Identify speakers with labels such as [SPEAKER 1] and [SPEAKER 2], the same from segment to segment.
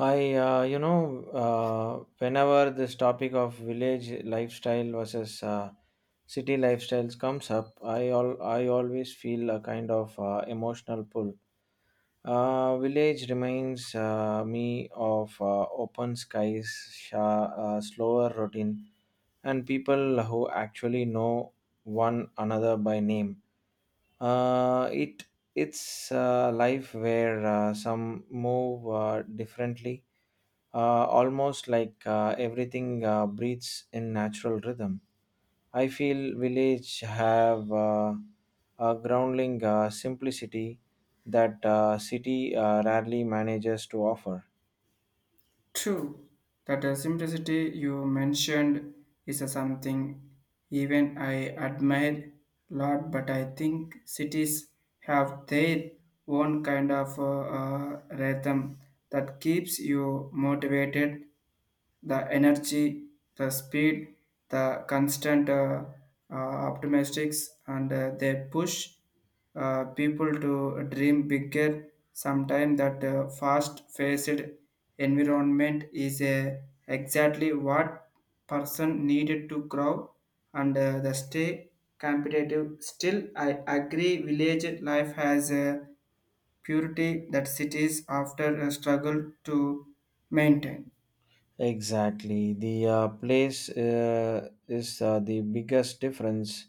[SPEAKER 1] Hi, whenever this topic of village lifestyle versus city lifestyles comes up, I always feel a kind of emotional pull. Village reminds me of open skies, slower routine, and people who actually know one another by name. Uh, it it's a life where some move differently, uh, almost like everything breathes in natural rhythm. I feel village have a grounding simplicity that city rarely manages to offer.
[SPEAKER 2] True, that the simplicity you mentioned is a something even I admire lot, but I think cities have their own kind of rhythm that keeps you motivated the energy, the speed, the constant optimistics, and they push people to dream bigger. Sometimes that fast-paced environment is exactly what person needed to grow and the stay competitive. Still, I agree village life has a purity that cities after a struggle to maintain.
[SPEAKER 1] Exactly, the place is the biggest difference.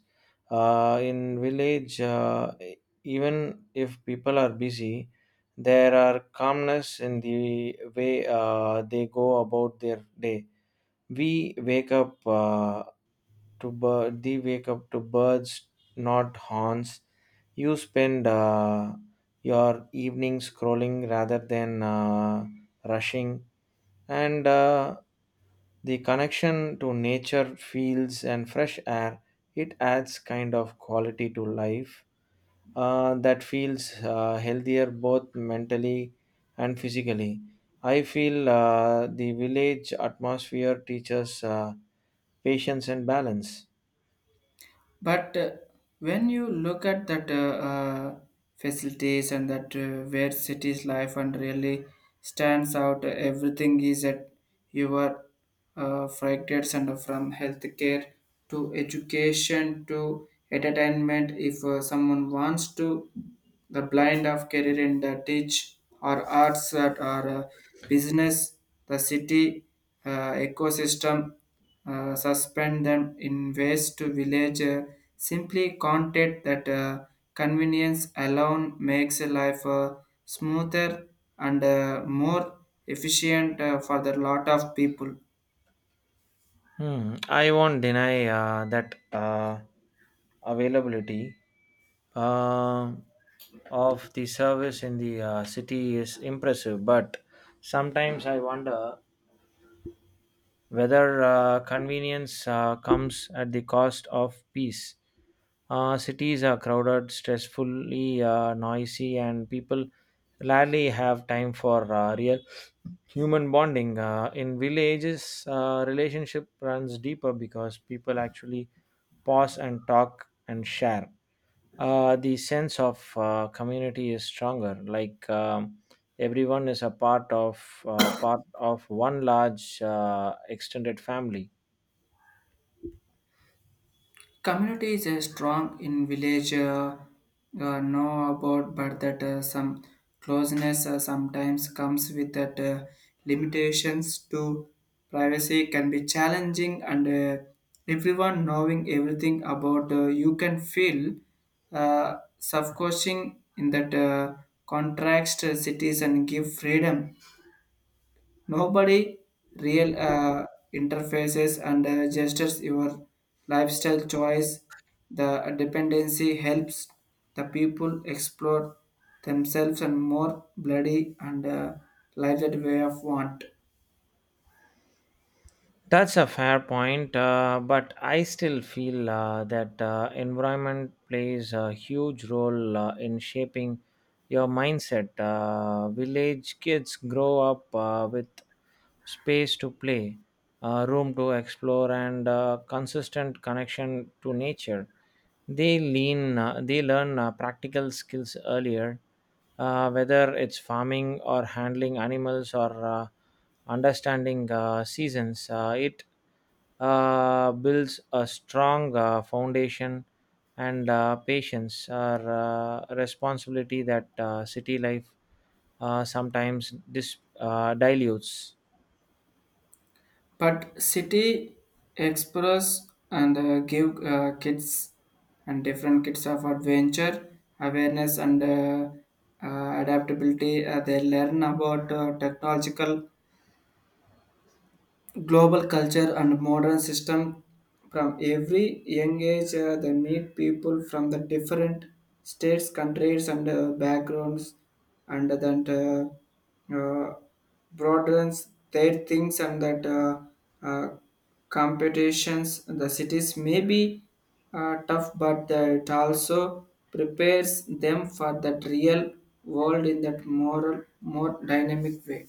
[SPEAKER 1] In village, even if people are busy, there are calmness in the way they go about their day. We wake up to bird. They wake up to birds, not horns. You spend your evening scrolling rather than rushing, and the connection to nature, fields, and fresh air. It adds kind of quality to life that feels healthier both mentally and physically. I feel the village atmosphere teaches. Patience and balance.
[SPEAKER 2] But when you look at that uh, facilities and that where city's life and really stands out, everything is at your fragments and from healthcare to education to entertainment. If someone wants to, the blind of career in the teach or arts that are business, the city ecosystem suspend them in waste to village simply content that convenience alone makes a life smoother and more efficient for the lot of people
[SPEAKER 1] Hmm. I won't deny that availability uh, of the service in the city is impressive, but sometimes I wonder whether convenience comes at the cost of peace. Cities are crowded, stressfully noisy, and people rarely have time for real human bonding. In villages, relationship runs deeper because people actually pause and talk and share the sense of community is stronger. Everyone is a part of one large extended family.
[SPEAKER 2] community is strong in village know about but that some closeness sometimes comes with that limitations to privacy can be challenging and everyone knowing everything about you can feel suffocating in that contrast cities and give freedom. Nobody real interfaces and gestures your lifestyle choice. The dependency helps the people explore themselves and more bloody and lighted way of want.
[SPEAKER 1] That's a fair point, but I still feel that environment plays a huge role in shaping your mindset. Village kids grow up with space to play, room to explore and consistent connection to nature. They learn practical skills earlier, whether it's farming or handling animals or understanding seasons. It builds a strong foundation and patience or responsibility that city life sometimes dilutes.
[SPEAKER 2] But city explorers and give kids and different kids of adventure, awareness and adaptability. They learn about technological global culture and modern system from every young age they meet people from the different states countries and backgrounds and that broadens their things and that uh, competitions the cities may be tough but it also prepares them for that real world in that moral more dynamic way.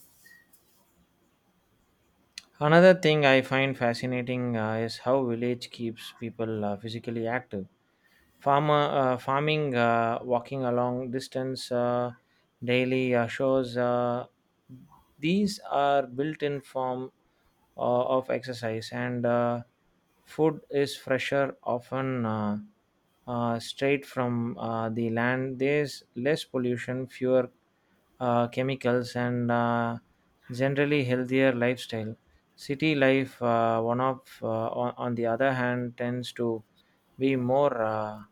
[SPEAKER 1] Another thing I find fascinating is how village keeps people physically active. Farmer Farming, walking along distance, daily shows. These are built-in form of exercise, and food is fresher, often straight from the land. There's less pollution, fewer chemicals, and generally healthier lifestyle. City life, on the other hand, tends to be more uh,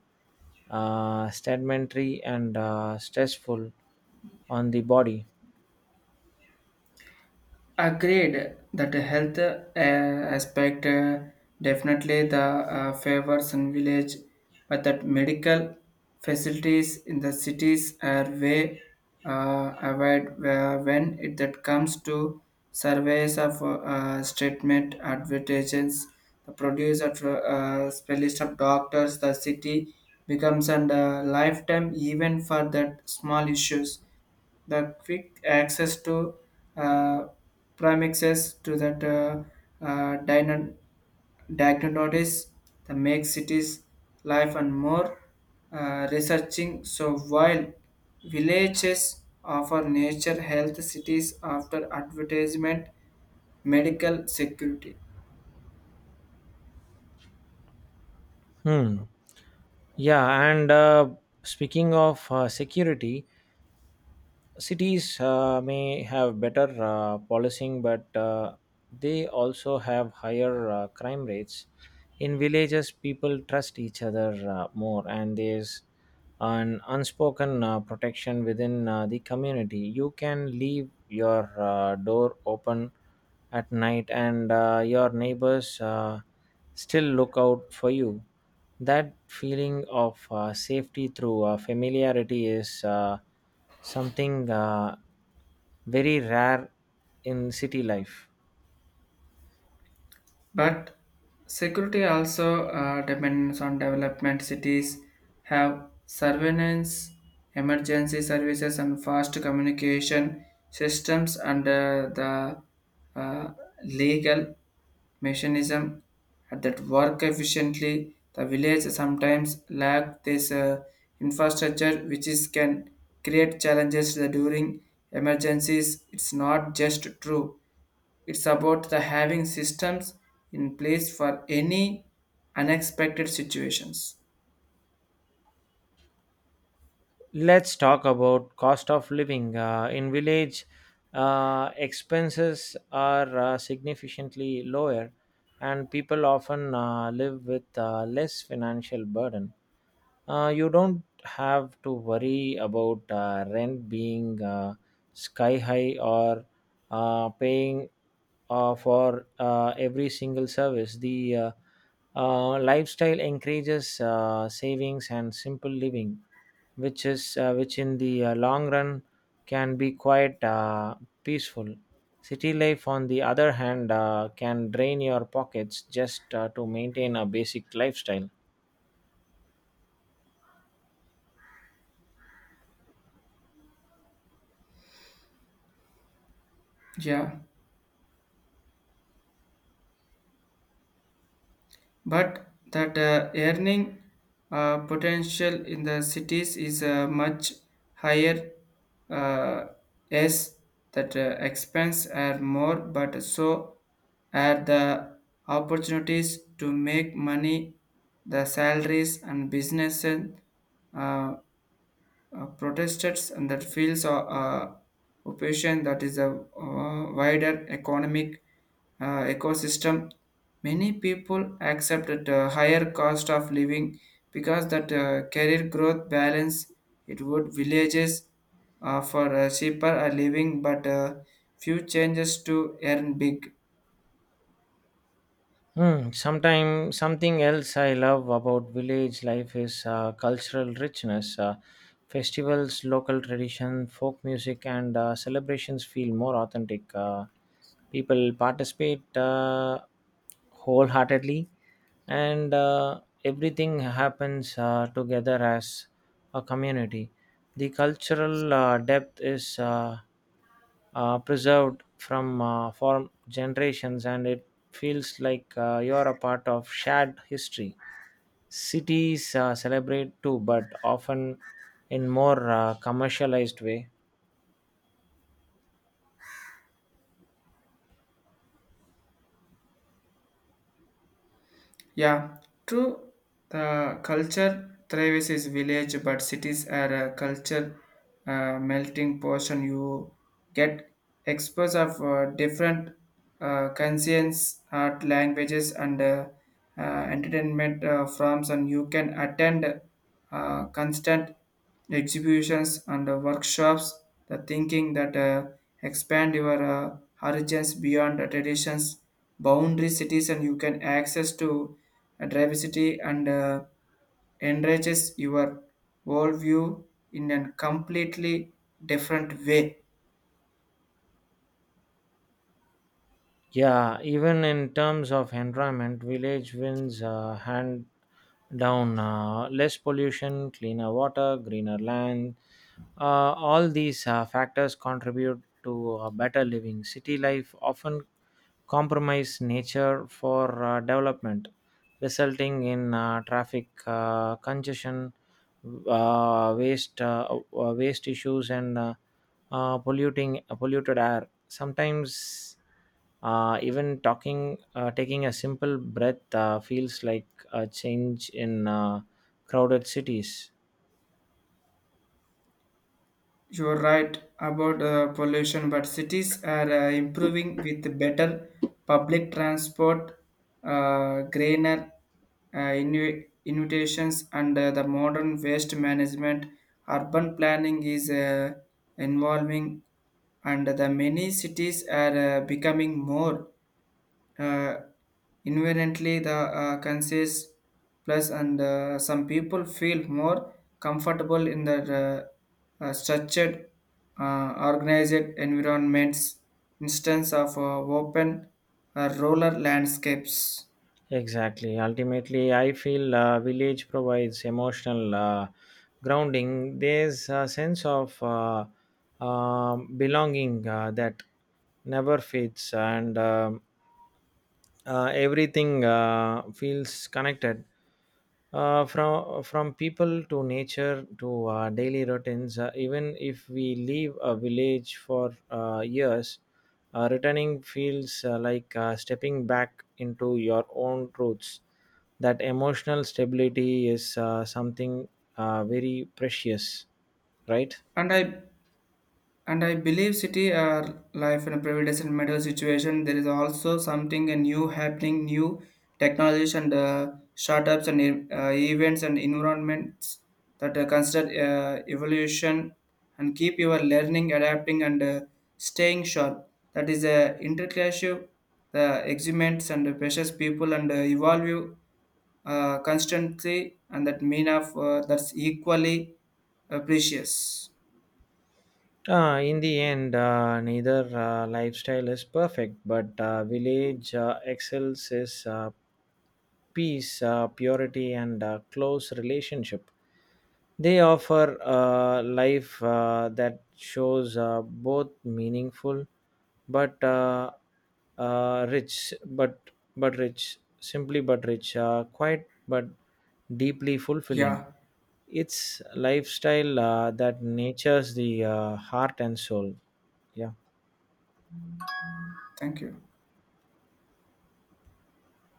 [SPEAKER 1] uh, sedentary and stressful on the body.
[SPEAKER 2] Agreed that the health aspect definitely the favors in village, but that medical facilities in the cities are way avoid where- when it that comes to surveys of statement advertisements, the produce of specialist of doctors, the city becomes a lifetime even for that small issues the quick access to uh, premixes to that uh, dyna- diagnosis that makes cities life and more researching so while villages offer nature health cities after advertisement medical security.
[SPEAKER 1] Hmm. Yeah, and speaking of security, cities may have better policing, but they also have higher crime rates. In villages, people trust each other more, and there's an unspoken protection within the community. You can leave your door open at night, and your neighbors still look out for you. That feeling of safety through familiarity is something very rare in city life.
[SPEAKER 2] But security also depends on development. Cities have surveillance, emergency services, and fast communication systems under the uh, legal mechanism that work efficiently. The village sometimes lack this infrastructure, which is can create challenges during emergencies. It's not just true. It's about the having systems in place for any unexpected situations.
[SPEAKER 1] Let's talk about cost of living. In village, expenses are significantly lower, and people often live with less financial burden. You don't have to worry about rent being sky high or paying for every single service. The lifestyle encourages savings and simple living, which in the long run can be quite peaceful. City life, on the other hand, can drain your pockets just to maintain a basic lifestyle.
[SPEAKER 2] Yeah, but that earning potential in the cities is much higher uh, as that expense are more, but so are the opportunities to make money, the salaries and businesses uh, protesters and that feels occupation that is a wider economic ecosystem. Many people accept that higher cost of living because that career growth balance it would villages for cheaper a living, but few changes to earn big.
[SPEAKER 1] Hmm. Sometimes something else I love about village life is cultural richness. Festivals, local tradition, folk music, and celebrations feel more authentic. People participate wholeheartedly, and everything happens together as a community. The cultural depth is preserved from form generations, and it feels like you're a part of shared history. Cities celebrate too, but often in more commercialized way.
[SPEAKER 2] Yeah, true. The culture thrives is village, but cities are a culture melting portion. You get exposed of different conscience, art, languages, and entertainment forms, and you can attend constant exhibitions and workshops, the thinking that expand your horizons beyond the traditions, boundary cities, and you can access to diversity and enriches your worldview in a completely different way.
[SPEAKER 1] Yeah, even in terms of environment, village wins hand down. Less pollution, cleaner water, greener land. All these factors contribute to a better living. City life often compromise nature for development, resulting in traffic congestion, waste issues, and polluting polluted air. Sometimes even taking a simple breath feels like a change in crowded cities.
[SPEAKER 2] You're right about pollution, but cities are improving with better public transport, greener innovations, and the modern waste management. Urban planning is involving, and the many cities are becoming more uh, inherently the conscious plus and some people feel more comfortable in the structured organized environments instance of open roller landscapes.
[SPEAKER 1] Exactly. Ultimately, I feel village provides emotional grounding. There's a sense of belonging that never fades, and everything feels connected, from people to nature to daily routines. Even if we leave a village for years, returning feels like stepping back into your own roots. That emotional stability is something very precious, right?
[SPEAKER 2] and i And I believe city are life in a privileged and middle situation. There is also something and new happening, new technologies and startups and events and environments that consider evolution and keep your learning, adapting and staying sharp. That is a interclassive, the experiments and the precious people and evolve you constantly and that mean of that's equally precious.
[SPEAKER 1] In the end, neither lifestyle is perfect, but village excels is peace, purity, and close relationship. They offer a life that shows both meaningful, but rich, but rich, simply but rich, quite but deeply fulfilling.
[SPEAKER 2] Yeah,
[SPEAKER 1] It's lifestyle that natures the heart and soul. Yeah.
[SPEAKER 2] thank you.